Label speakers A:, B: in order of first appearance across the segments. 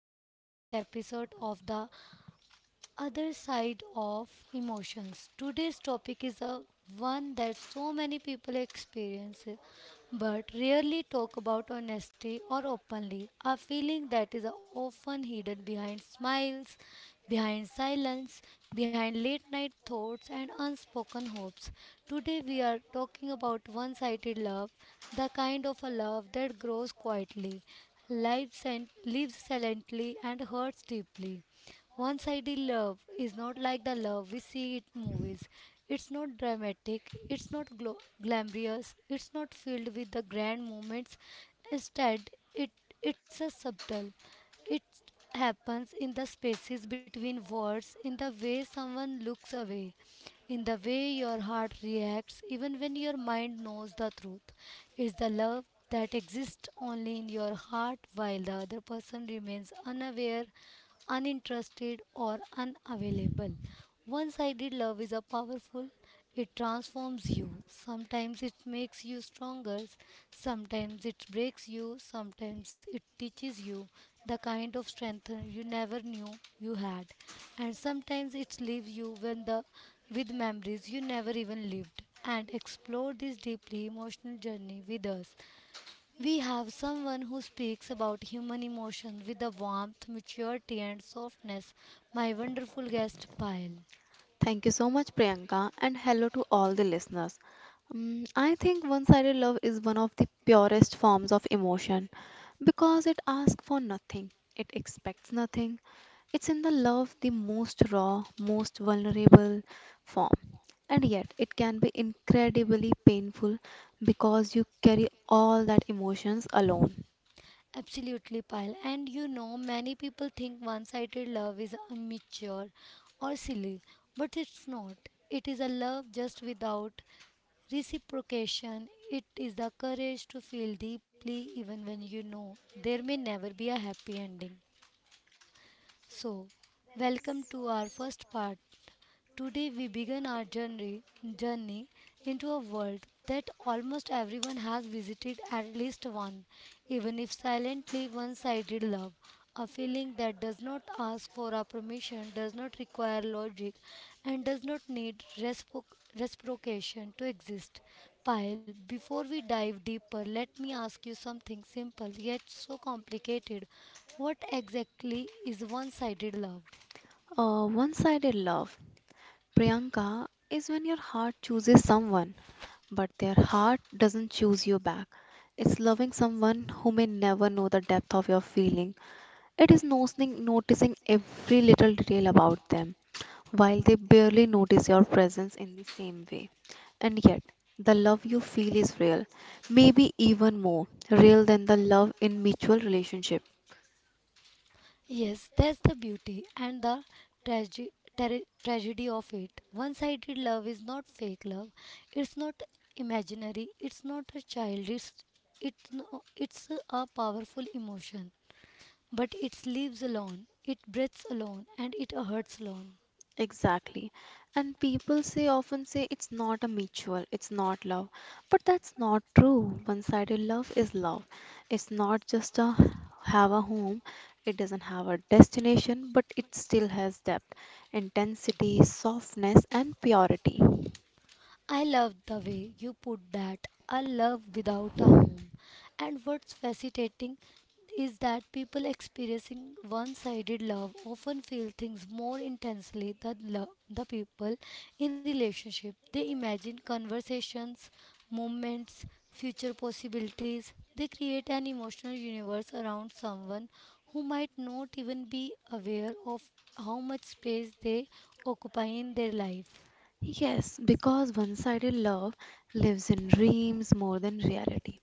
A: deeply heartfelt episode of The Other Side of Emotions. Today's topic is a one that so many people experience but rarely talk about honestly or openly. A feeling that is often hidden behind smiles, behind silence, behind late night thoughts and unspoken hopes. Today we are talking about one-sided love, the kind of a love that grows quietly, lives silently and hurts deeply. One sided love is not like the love we see in movies. It's not dramatic, it's not glamorous, it's not filled with the grand moments. Instead, it's a subtle. It happens in the spaces between words, in the way someone looks away, in the way your heart reacts, even when your mind knows the truth. It's the love that exists only in your heart while the other person remains unaware uninterested, or unavailable. One sided love is a powerful, it transforms you. Sometimes it makes you stronger, sometimes it breaks you, sometimes it teaches you the kind of strength you never knew you had, and sometimes it leaves you when the with memories you never even lived. And explore this deeply emotional journey with us. We have someone who speaks about human emotion with the warmth, maturity, and softness. My wonderful guest, Pyle.
B: Thank you so much, Priyanka, and hello to all the listeners. I think one sided love is one of the purest forms of emotion because it asks for nothing, it expects nothing. It's in the love the most raw, most vulnerable form. And yet, it can be incredibly painful because you carry all that emotions alone.
A: Absolutely, Pyle. And you know, many people think one sided love is immature or silly, but it's not. It is a love just without reciprocation. It is the courage to feel deeply even when you know there may never be a happy ending. So, welcome to our first part. Today, we begin our journey into a world that almost everyone has visited at least one, even if silently one sided love. A feeling that does not ask for our permission, does not require logic, and does not need reciprocation to exist. Pile, before we dive deeper, let me ask you something simple yet so complicated. What exactly is one sided love?
B: One sided love, Priyanka, is when your heart chooses someone, but their heart doesn't choose you back. It's loving someone who may never know the depth of your feeling. It is noticing every little detail about them, while they barely notice your presence in the same way. And yet, the love you feel is real, maybe even more real than the love in mutual relationship.
A: Yes, that's the beauty and the trage- tragedy of it. One sided love is not fake love, it's not imaginary, it's not a childish, it's, no, it's a powerful emotion. But it lives alone, it breathes alone, and it hurts alone.
B: Exactly. And people say often say it's not a mutual, it's not love. But that's not true. One-sided love is love. It's not just a have a home. It doesn't have a destination, but it still has depth, intensity, softness, and purity.
A: I love the way you put that. A love without a home. And what's fascinating is that people experiencing one-sided love often feel things more intensely than the people in relationship. They imagine conversations, moments, future possibilities. They create an emotional universe around someone who might not even be aware of how much space they occupy in their life.
B: Yes, because one sided love lives in dreams more than reality.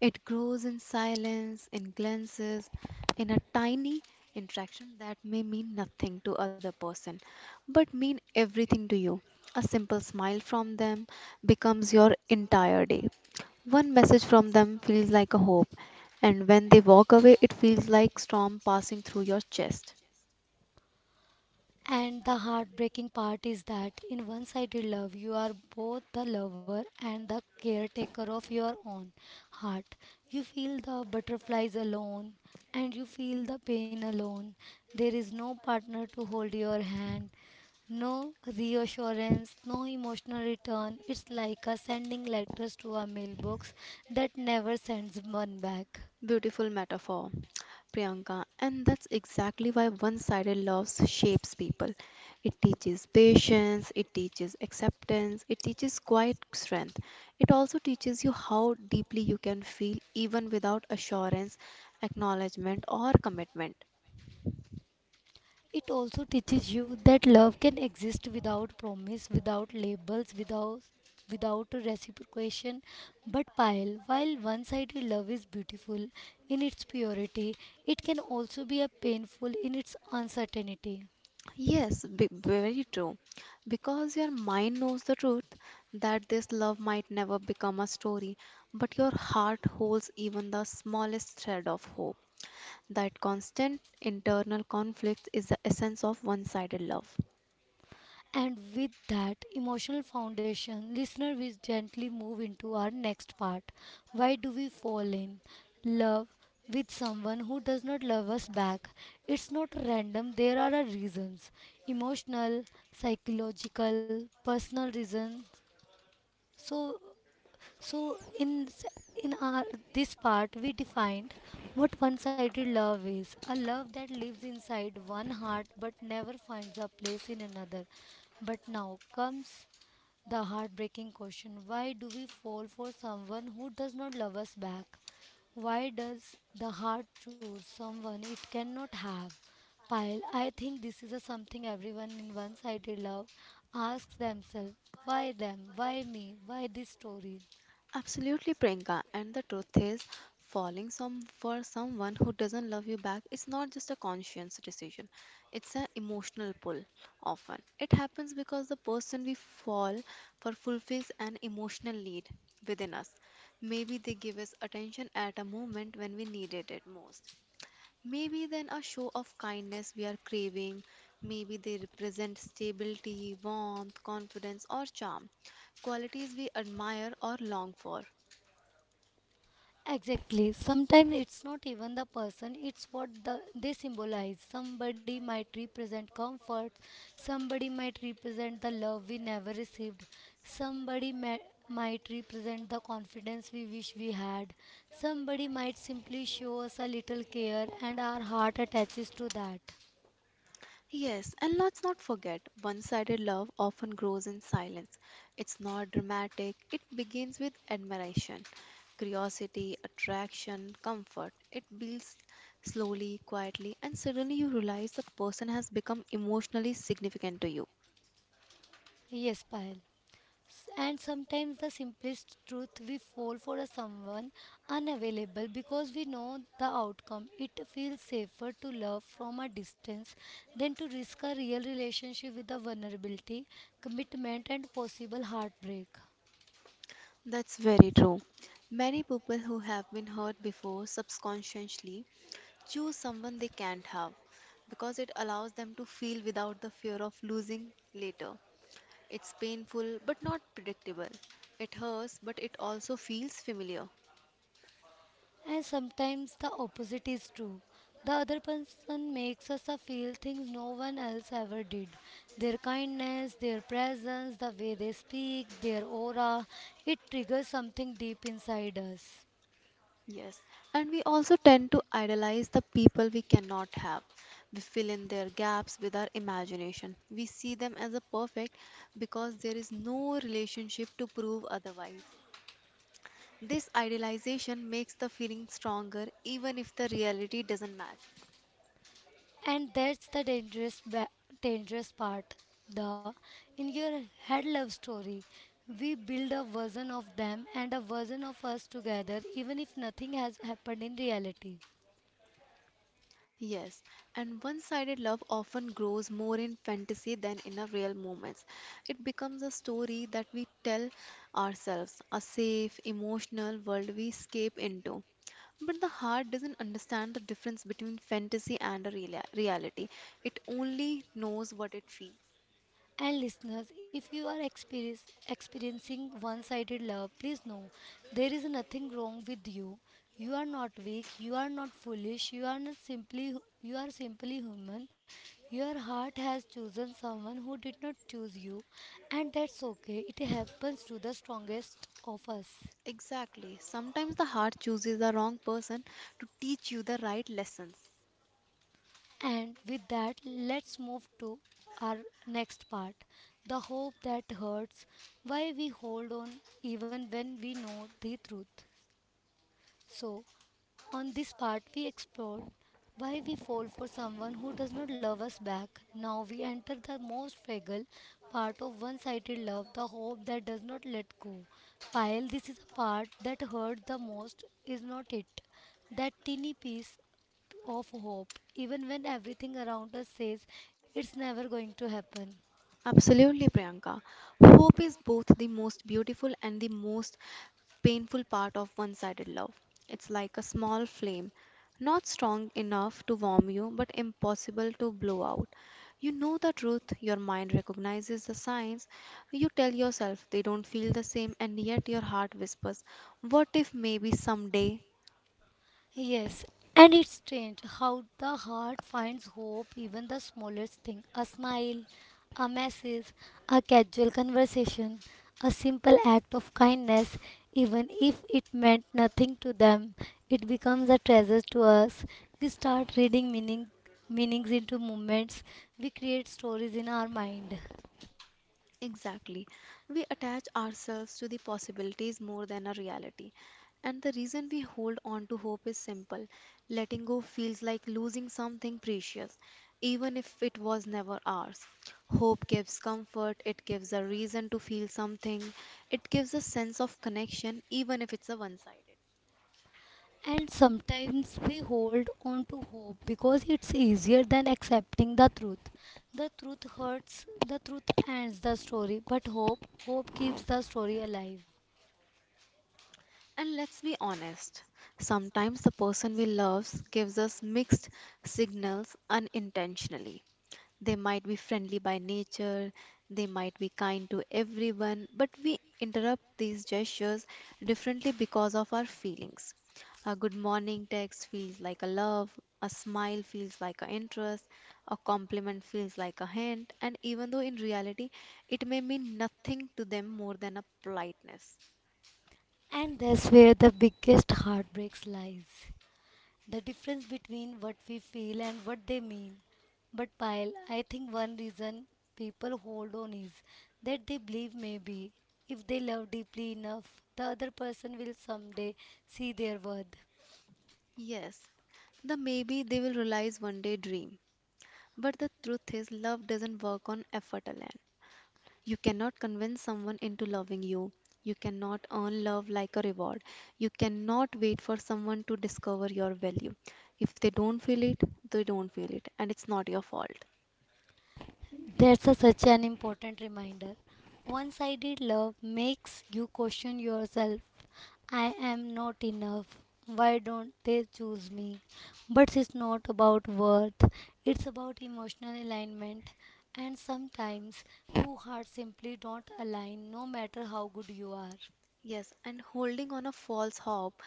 B: It grows in silence, in glances, in a tiny interaction that may mean nothing to other person but mean everything to you. A simple smile from them becomes your entire day. One message from them feels like a hope, and when they walk away, it feels like storm passing through your chest.
A: And the heartbreaking part is that in one sided love, you are both the lover and the caretaker of your own heart. You feel the butterflies alone and you feel the pain alone. There is no partner to hold your hand, no reassurance, no emotional return. It's like a sending letters to a mailbox that never sends one back.
B: Beautiful metaphor, Priyanka. And that's exactly why one sided love shapes people. It teaches patience, it teaches acceptance, it teaches quiet strength. It also teaches you how deeply you can feel even without assurance, acknowledgement, or commitment.
A: It also teaches you that love can exist without promise, without labels, without reciprocation but while one-sided love is beautiful in its purity, it can also be a painful in its uncertainty.
B: Yes, very true. Because your mind knows the truth that this love might never become a story, but your heart holds even the smallest thread of hope. That constant internal conflict is the essence of one sided love.
A: And with that emotional foundation, listener, we gently move into our next part. Why do we fall in love with someone who does not love us back? It's not random, there are a reasons emotional, psychological, personal reasons. So, so in s- in our this part we defined what one-sided love is, a love that lives inside one heart but never finds a place in another. But now comes the heartbreaking question, why do we fall for someone who does not love us back? Why does the heart choose someone it cannot have? Pile, I think this is a something everyone in one-sided love asks themselves, why them? Why me? Why this story?
B: Absolutely, Priyanka. And the truth is, falling some for someone who doesn't love you back is not just a conscious decision, it's an emotional pull. Often, it happens because the person we fall for fulfills an emotional need within us. Maybe they give us attention at a moment when we needed it most. Maybe then a show of kindness we are craving. Maybe they represent stability, warmth, confidence, or charm, qualities we admire or long for.
A: Exactly. Sometimes it's not even the person, it's what they symbolize. Somebody might represent comfort, somebody might represent the love we never received, might represent the confidence we wish we had, somebody might simply show us a little care, and our heart attaches to that.
B: Yes, and let's not forget one sided love often grows in silence. It's not dramatic, it begins with admiration, curiosity, attraction, comfort. It builds slowly, quietly, and suddenly you realize the person has become emotionally significant to you.
A: Yes, Payal. And sometimes the simplest truth we fall for a someone unavailable because we know the outcome. It feels safer to love from a distance than to risk a real relationship with the vulnerability, commitment, and possible heartbreak.
B: That's very true. Many people who have been hurt before subconsciously choose someone they can't have because it allows them to feel without the fear of losing later. It's painful but not predictable. It hurts but it also feels familiar.
A: And sometimes the opposite is true. The other person makes us feel things no one else ever did. Their kindness, their presence, the way they speak, their aura, it triggers something deep inside us.
B: Yes, and we also tend to idolize the people we cannot have. We fill in their gaps with our imagination. We see them as a perfect because there is no relationship to prove otherwise. This idealization makes the feeling stronger even if the reality doesn't match.
A: And that's the dangerous part. The in your head love story, we build a version of them and a version of us together, even if nothing has happened in reality.
B: Yes, and one sided love often grows more in fantasy than in a real moments. It becomes a story that we tell ourselves, a safe, emotional world we escape into. But the heart doesn't understand the difference between fantasy and a reality, it only knows what it feels.
A: And listeners, if you are experiencing one sided love, please know there is nothing wrong with you. You are not weak, you are not foolish, you are not simply you are simply human. Your heart has chosen someone who did not choose you, and that's okay. It happens to the strongest of us.
B: Exactly. Sometimes the heart chooses the wrong person to teach you the right lessons.
A: And with that, let's move to our next part, the hope that hurts, why we hold on even when we know the truth. So, on this part, we explored why we fall for someone who does not love us back. Now, we enter the most fragile part of one sided love, the hope that does not let go. Pile, this is the part that hurt the most, is not it? That teeny piece of hope, even when everything around us says it's never going to happen.
B: Absolutely, Priyanka. Hope is both the most beautiful and the most painful part of one sided love. It's like a small flame, not strong enough to warm you, but impossible to blow out. You know the truth, your mind recognizes the signs. You tell yourself they don't feel the same, and yet your heart whispers, what if maybe someday?
A: Yes, and it's strange how the heart finds hope even the smallest thing. A smile, a message, a casual conversation, a simple act of kindness, even if it meant nothing to them, it becomes a treasure to us. We start reading meanings into moments. We create stories in our mind.
B: Exactly. We attach ourselves to the possibilities more than a reality. And the reason we hold on to hope is simple. Letting go feels like losing something precious, even if it was never ours. Hope gives comfort, it gives a reason to feel something, it gives a sense of connection, even if it's a one sided.
A: And sometimes we hold on to hope because it's easier than accepting the truth. The truth hurts, the truth ends the story, but hope, hope keeps the story alive.
B: And let's be honest, sometimes the person we love gives us mixed signals unintentionally. They might be friendly by nature, they might be kind to everyone, but we interrupt these gestures differently because of our feelings. A good morning text feels like a love, a smile feels like an interest, a compliment feels like a hint, and even though in reality it may mean nothing to them more than a politeness.
A: And that's where the biggest heartbreaks lies. The difference between what we feel and what they mean. But Pyle, I think one reason people hold on is that they believe maybe if they love deeply enough, the other person will someday see their worth.
B: Yes, the maybe they will realize one day dream. But the truth is, love doesn't work on effort alone. You cannot convince someone into loving you. You cannot earn love like a reward. You cannot wait for someone to discover your value. If they don't feel it, they don't feel it, and it's not your fault.
A: That's a, such an important reminder. One sided love makes you question yourself. I am not enough. Why don't they choose me? But it's not about worth, it's about emotional alignment. And sometimes two hearts simply don't align no matter how good you are.
B: Yes, and holding on a false hope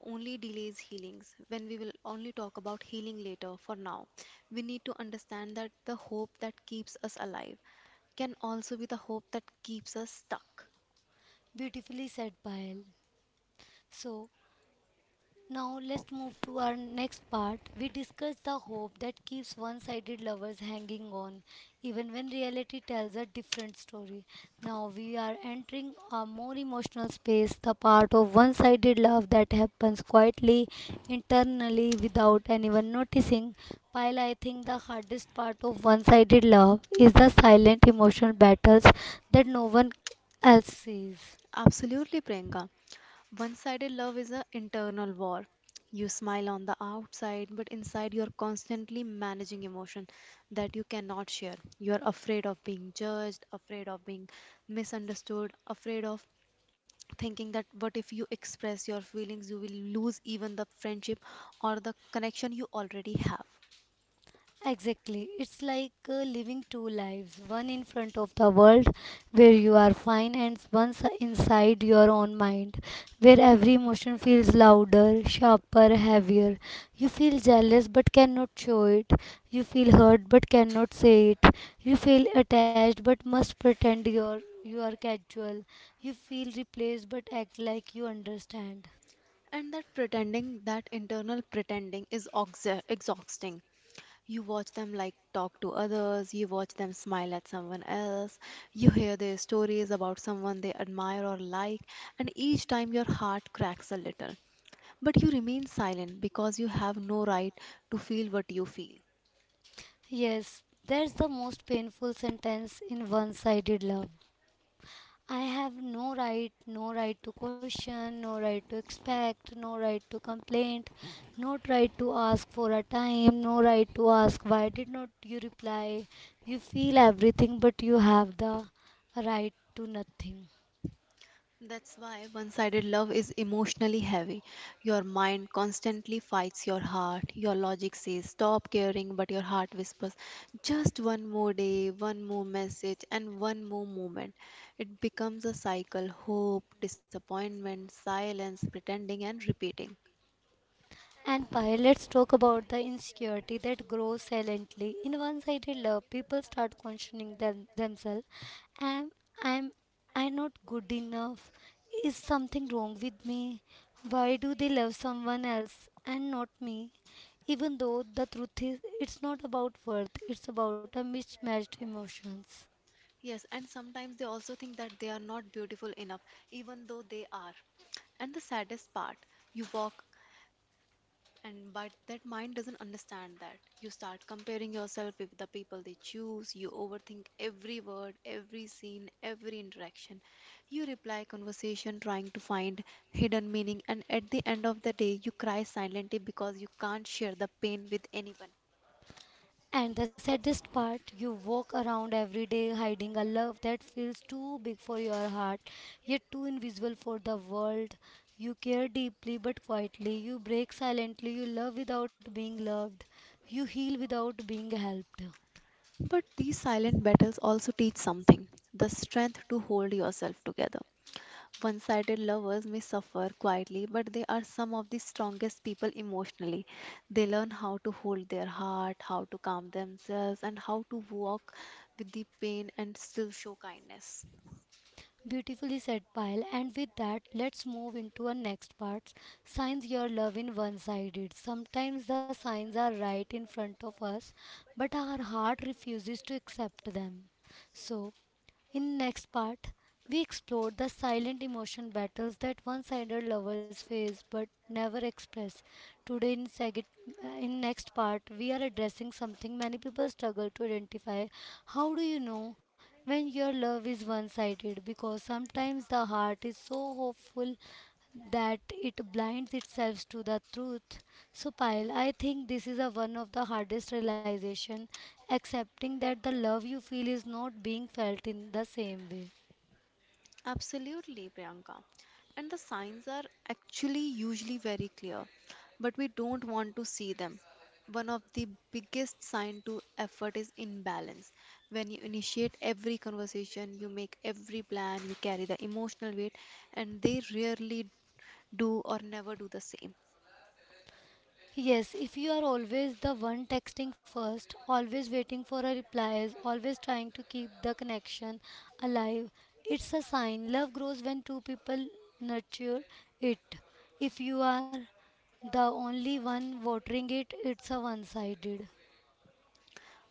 B: only delays healings. When we will only talk about healing later, for now, we need to understand that the hope that keeps us alive can also be the hope that keeps us stuck.
A: Beautifully said, Payal. So, now let's move to our next part. We discuss the hope that keeps one-sided lovers hanging on, even when reality tells a different story. Now we are entering a more emotional space, the part of one-sided love that happens quietly, internally, without anyone noticing. While I think the hardest part of one-sided love is the silent emotional battles that no one else sees.
B: Absolutely, Priyanka. One sided love is an internal war. You smile on the outside, but inside you're constantly managing emotion that you cannot share. You're afraid of being judged, afraid of being misunderstood, afraid of thinking that what if you express your feelings, you will lose even the friendship or the connection you already have.
A: Exactly. It's like living two lives one in front of the world, where you are fine, and one inside your own mind, where every emotion feels louder, sharper, heavier. You feel jealous but cannot show it. You feel hurt but cannot say it. You feel attached but must pretend you are casual. You feel replaced but act like you understand.
B: And that pretending, that internal pretending is exhausting. You watch them like talk to others, you watch them smile at someone else, you hear their stories about someone they admire or like, and each time your heart cracks a little. But you remain silent because you have no right to feel what you feel.
A: Yes, that's the most painful sentence in one sided love. I have no right, no right to question, no right to expect, no right to complain, no right to ask for a time, no right to ask why did not you reply. You feel everything, but you have the right to nothing.
B: That's why one sided love is emotionally heavy. Your mind constantly fights your heart. Your logic says stop caring, but your heart whispers just one more day, one more message, and one more moment. It becomes a cycle hope, disappointment, silence, pretending, and repeating.
A: And Payal, let's talk about the insecurity that grows silently. In one sided love, people start questioning themselves. Am I'm I'm not good enough? Is something wrong with me? Why do they love someone else and not me? Even though the truth is it's not about worth, it's about a mismatched emotions.
B: Yes, and sometimes they also think that they are not beautiful enough, even though they are. And the saddest part, you walk and but that mind doesn't understand that. You start comparing yourself with the people they choose, you overthink every word, every scene, every interaction. You reply conversation trying to find hidden meaning, and at the end of the day, you cry silently because you can't share the pain with anyone.
A: And the saddest part, you walk around every day hiding a love that feels too big for your heart, yet too invisible for the world. You care deeply but quietly, you break silently, you love without being loved, you heal without being helped.
B: But these silent battles also teach something the strength to hold yourself together. One sided lovers may suffer quietly, but they are some of the strongest people emotionally. They learn how to hold their heart, how to calm themselves, and how to walk with the pain and still show kindness.
A: Beautifully said, Pile. And with that, let's move into our next part. Signs your love in one-sided. Sometimes the signs are right in front of us, but our heart refuses to accept them. So, in next part, we explore the silent emotion battles that one-sided lovers face but never express. Today in in next part, we are addressing something many people struggle to identify. How do you know when your love is one-sided? Because sometimes the heart is so hopeful that it blinds itself to the truth. So Payal, I think this is a one of the hardest realization, accepting that the love you feel is not being felt in the same way.
B: Absolutely, Priyanka. And the signs are actually usually very clear, but we don't want to see them. One of the biggest sign to effort is imbalance. When you initiate every conversation, you make every plan, you carry the emotional weight, and they rarely do or never do the same.
A: Yes, if you are always the one texting first, always waiting for a replies, always trying to keep the connection alive, it's a sign love grows when two people nurture it. If you are the only one watering it, it's a one-sided.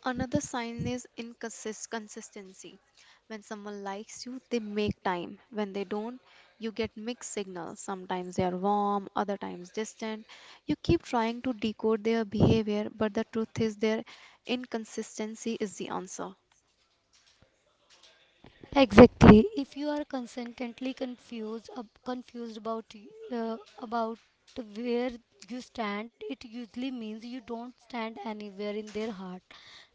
B: Another sign is consistency. When someone likes you, they make time. When they don't, you get mixed signals. Sometimes they are warm, other times distant. You keep trying to decode their behavior, but the truth is their inconsistency is the answer.
A: Exactly. If you are consistently confused about where you stand, it usually means you don't stand anywhere in their heart.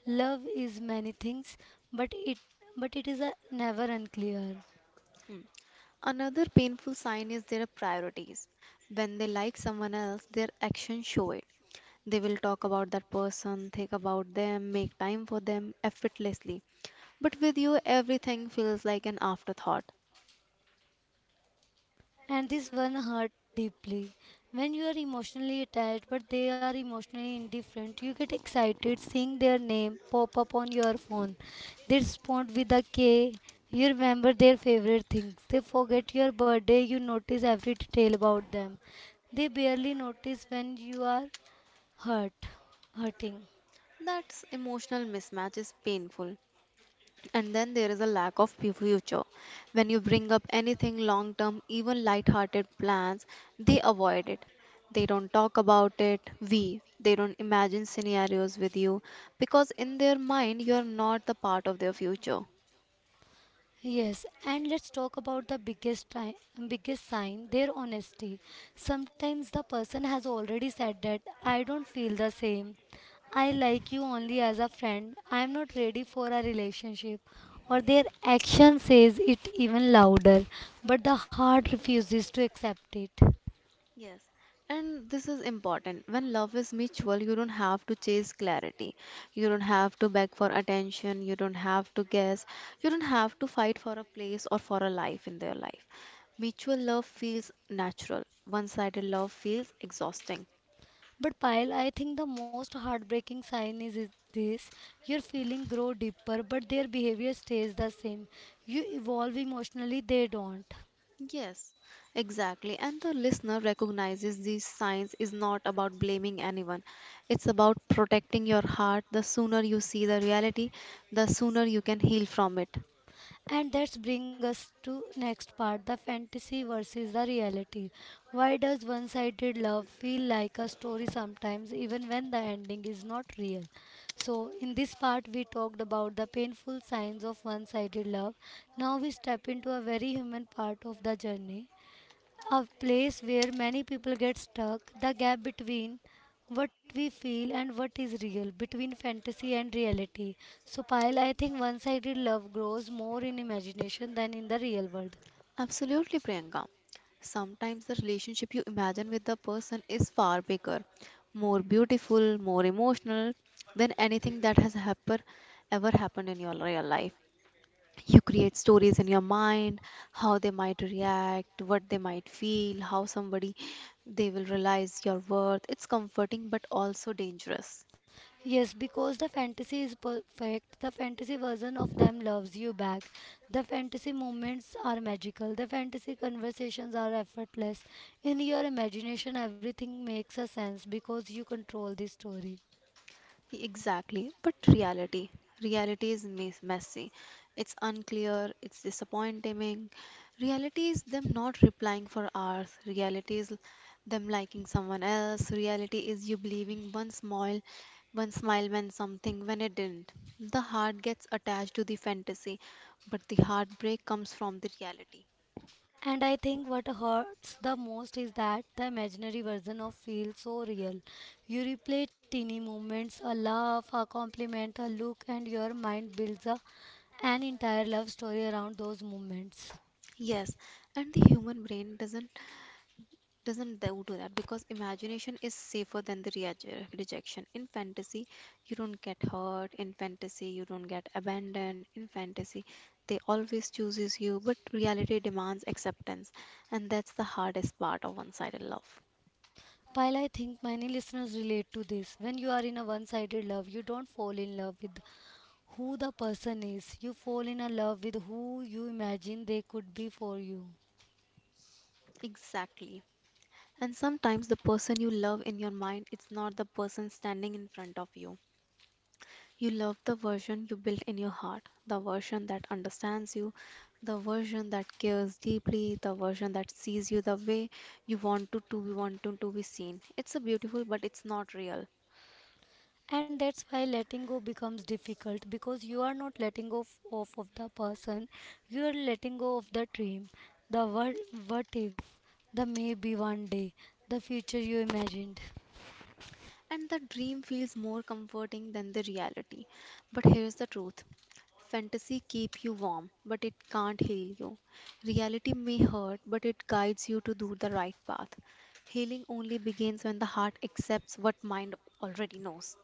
A: Love is many things, but it but it is never unclear.
B: Hmm. Another painful sign is their priorities. When they like someone else, their actions show it. They will talk about that person, think about them, make time for them effortlessly. But with you, everything feels like an afterthought.
A: And this one hurt deeply. When you are emotionally attached but they are emotionally indifferent, you get excited seeing their name pop up on your phone. They respond with a K. You remember their favorite things. They forget your birthday. You notice every detail about them. They barely notice when you are hurt, hurting.
B: That emotional mismatch is painful. And then there is a lack of future. When you bring up anything long term, even light-hearted plans, they avoid it. They don't talk about it. They don't imagine scenarios with you because in their mind, you are not the part of their future.
A: Yes, and let's talk about the biggest sign, their honesty. Sometimes the person has already said that I don't feel the same. I like you only as a friend. I am not ready for a relationship. Or their action says it even louder, but the heart refuses to accept it.
B: Yes, and this is important. When love is mutual, you don't have to chase clarity. You don't have to beg for attention. You don't have to guess. You don't have to fight for a place or for a life in their life. Mutual love feels natural. One-sided love feels exhausting.
A: But Payal, I think the most heartbreaking sign is this. Your feeling grow deeper, but their behavior stays the same. You evolve emotionally, they don't.
B: Yes, exactly. And the listener recognizes these signs is not about blaming anyone. It's about protecting your heart. The sooner you see the reality, the sooner you can heal from it.
A: And that's bring us to next part, the fantasy versus the reality. Why does one-sided love feel like a story sometimes even when the ending is not real? So in this part we talked about the painful signs of one-sided love. Now we step into a very human part of the journey, a place where many people get stuck, the gap between what we feel and what is real, between fantasy and reality. So, Payal, I think one sided love grows more in imagination than in the real world.
B: Absolutely, Priyanka. Sometimes the relationship you imagine with the person is far bigger, more beautiful, more emotional than anything that has ever happened in your real life. You create stories in your mind, how they might react, what they might feel, how somebody they will realize your worth. It's comforting but also dangerous.
A: Yes, because the fantasy is perfect. The fantasy version of them loves you back. The fantasy moments are magical. The fantasy conversations are effortless. In your imagination, everything makes a sense because you control the story.
B: Exactly, but reality. Reality is messy. It's unclear, it's disappointing. Reality is them not replying for hours. Reality is them liking someone else. Reality is you believing one smile meant something when it didn't. The heart gets attached to the fantasy, but the heartbreak comes from the reality.
A: And I think what hurts the most is that the imaginary version of feels so real. You replay teeny moments, a laugh, a compliment, a look, and your mind builds an entire love story around those moments.
B: Yes, and the human brain doesn't do that because imagination is safer than the rejection. In fantasy, you don't get hurt. In fantasy, you don't get abandoned. In fantasy, they always chooses you, but reality demands acceptance, and that's the hardest part of one-sided love.
A: While I think many listeners relate to this, when you are in a one sided love, you don't fall in love with who the person is, you fall in a love with who you imagine they could be for you.
B: Exactly. And sometimes the person you love in your mind, it's not the person standing in front of you. You love the version you built in your heart, the version that understands you, the version that cares deeply, the version that sees you the way you want to be wanted to be seen. It's a beautiful, but it's not real.
A: And that's why letting go becomes difficult because you are not letting go off of the person, you are letting go of the dream, the what if, the maybe one day, the future you imagined.
B: And the dream feels more comforting than the reality. But here's the truth. Fantasy keep you warm, but it can't heal you. Reality may hurt, but it guides you to do the right path. Healing only begins when the heart accepts what mind already knows.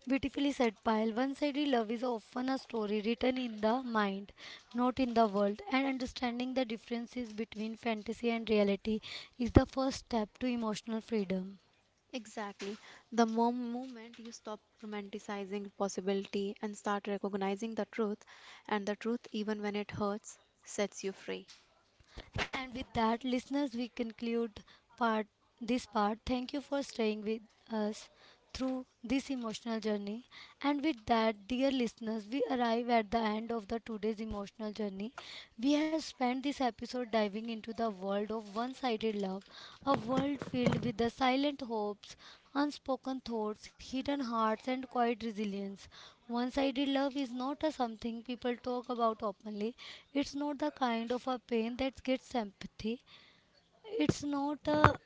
A: Beautifully said, pyle. One-sided love is often a story written in the mind, not in the world, and understanding the differences between fantasy and reality is the first step to emotional freedom.
B: Exactly. The moment you stop romanticizing possibility and start recognizing the truth, and the truth, even when it hurts, sets you free.
A: And with that, listeners, we conclude part this part. Thank you for staying with us through this emotional journey. And with that, dear listeners, we arrive at the end of the today's emotional journey. We have spent this episode diving into the world of one sided love, a world filled with the silent hopes, unspoken thoughts, hidden hearts, and quiet resilience. One sided love is not a something people talk about openly, it's not the kind of a pain that gets sympathy, it's not a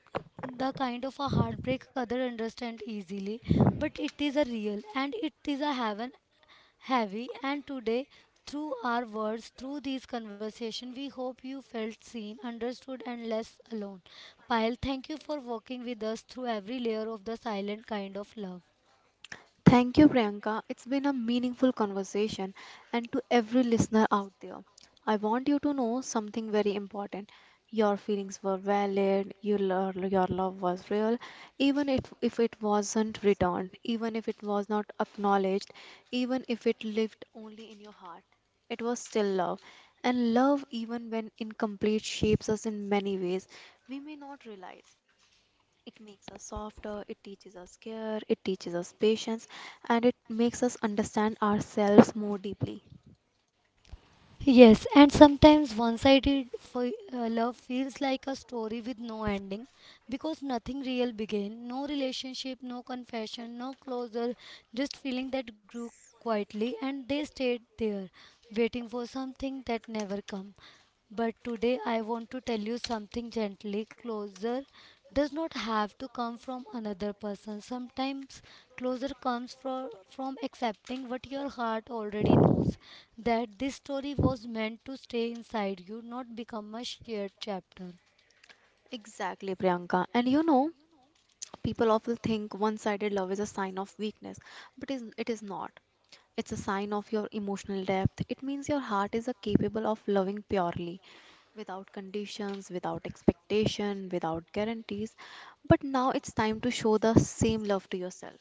A: the kind of a heartbreak other understand easily, but it is a real and it is a heaven heavy. And today, through our words, through these conversation, we hope you felt seen, understood, and less alone. Pyle, thank you for walking with us through every layer of the silent kind of love.
B: Thank you, Priyanka. It's been a meaningful conversation. And to every listener out there, I want you to know something very important. Your feelings were valid, your love was real, even if it wasn't returned, even if it was not acknowledged, even if it lived only in your heart. It was still love. And love, even when incomplete, shapes us in many ways we may not realize. It makes us softer, it teaches us care, it teaches us patience, and it makes us understand ourselves more deeply.
A: Yes, and sometimes one sided love feels like a story with no ending because nothing real began, no relationship, no confession, no closure, just feeling that grew quietly and they stayed there, waiting for something that never come. But today I want to tell you something gently. Closure does not have to come from another person. Sometimes closure comes from accepting what your heart already knows, that this story was meant to stay inside you, not become a shared chapter.
B: Exactly, Priyanka. And you know, people often think one sided love is a sign of weakness, but it is not. It's a sign of your emotional depth. It means your heart is a capable of loving purely, without conditions, without expectation, without guarantees. But now it's time to show the same love to yourself.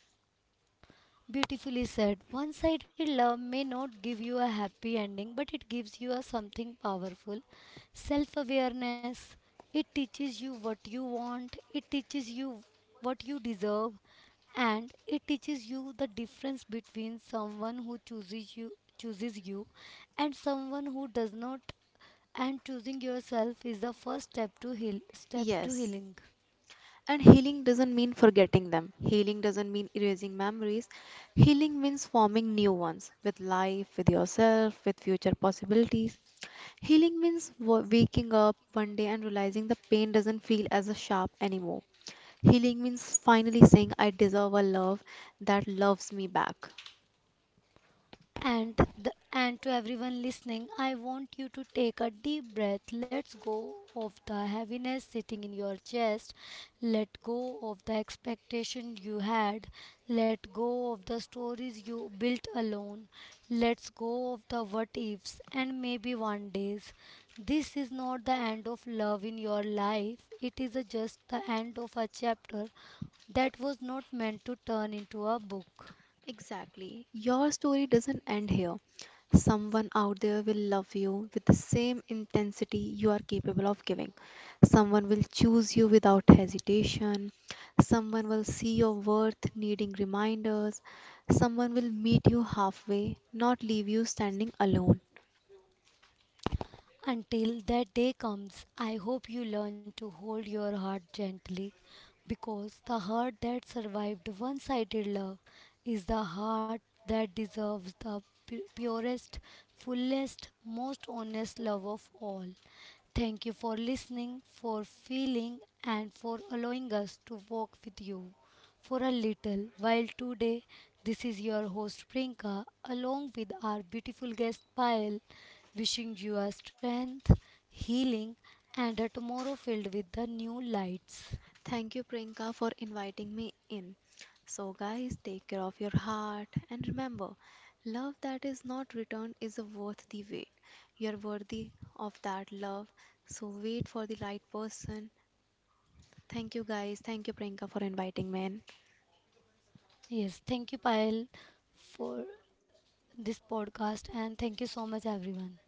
A: Beautifully said. One sided love may not give you a happy ending, but it gives you a something powerful. Self awareness. It teaches you what you want, it teaches you what you deserve, and it teaches you the difference between someone who chooses you and someone who does not, and choosing yourself is the first step to heal step to
B: Yes,
A: healing.
B: and healing doesn't mean forgetting them. Healing doesn't mean erasing memories. Healing means forming new ones with life, with yourself, with future possibilities. Healing means waking up one day and realizing the pain doesn't feel as sharp anymore. Healing means finally saying, I deserve a love that loves me back.
A: And the, and to everyone listening, I want you to take a deep breath. Let's go of the heaviness sitting in your chest. Let go of the expectation you had. Let go of the stories you built alone. Let's go of the what ifs and maybe one days. This is not the end of love in your life. It is a just the end of a chapter that was not meant to turn into a book.
B: Exactly. Your story doesn't end here. Someone out there will love you with the same intensity you are capable of giving. Someone will choose you without hesitation. Someone will see your worth needing reminders. Someone will meet you halfway, not leave you standing alone.
A: Until that day comes, I hope you learn to hold your heart gently because the heart that survived one sided love is the heart that deserves the purest, fullest, most honest love of all. Thank you for listening, for feeling, and for allowing us to walk with you for a little while today. This is your host Prinka, along with our beautiful guest Payal, wishing you a strength, healing, and a tomorrow filled with the new lights.
B: Thank you, Priyanka, for inviting me in. So, guys, take care of your heart and remember, love that is not returned is worth the wait. You're worthy of that love, so wait for the right person. Thank you, guys. Thank you, Priyanka, for inviting me in.
A: Yes, thank you, Payal, for this podcast, and thank you so much, everyone.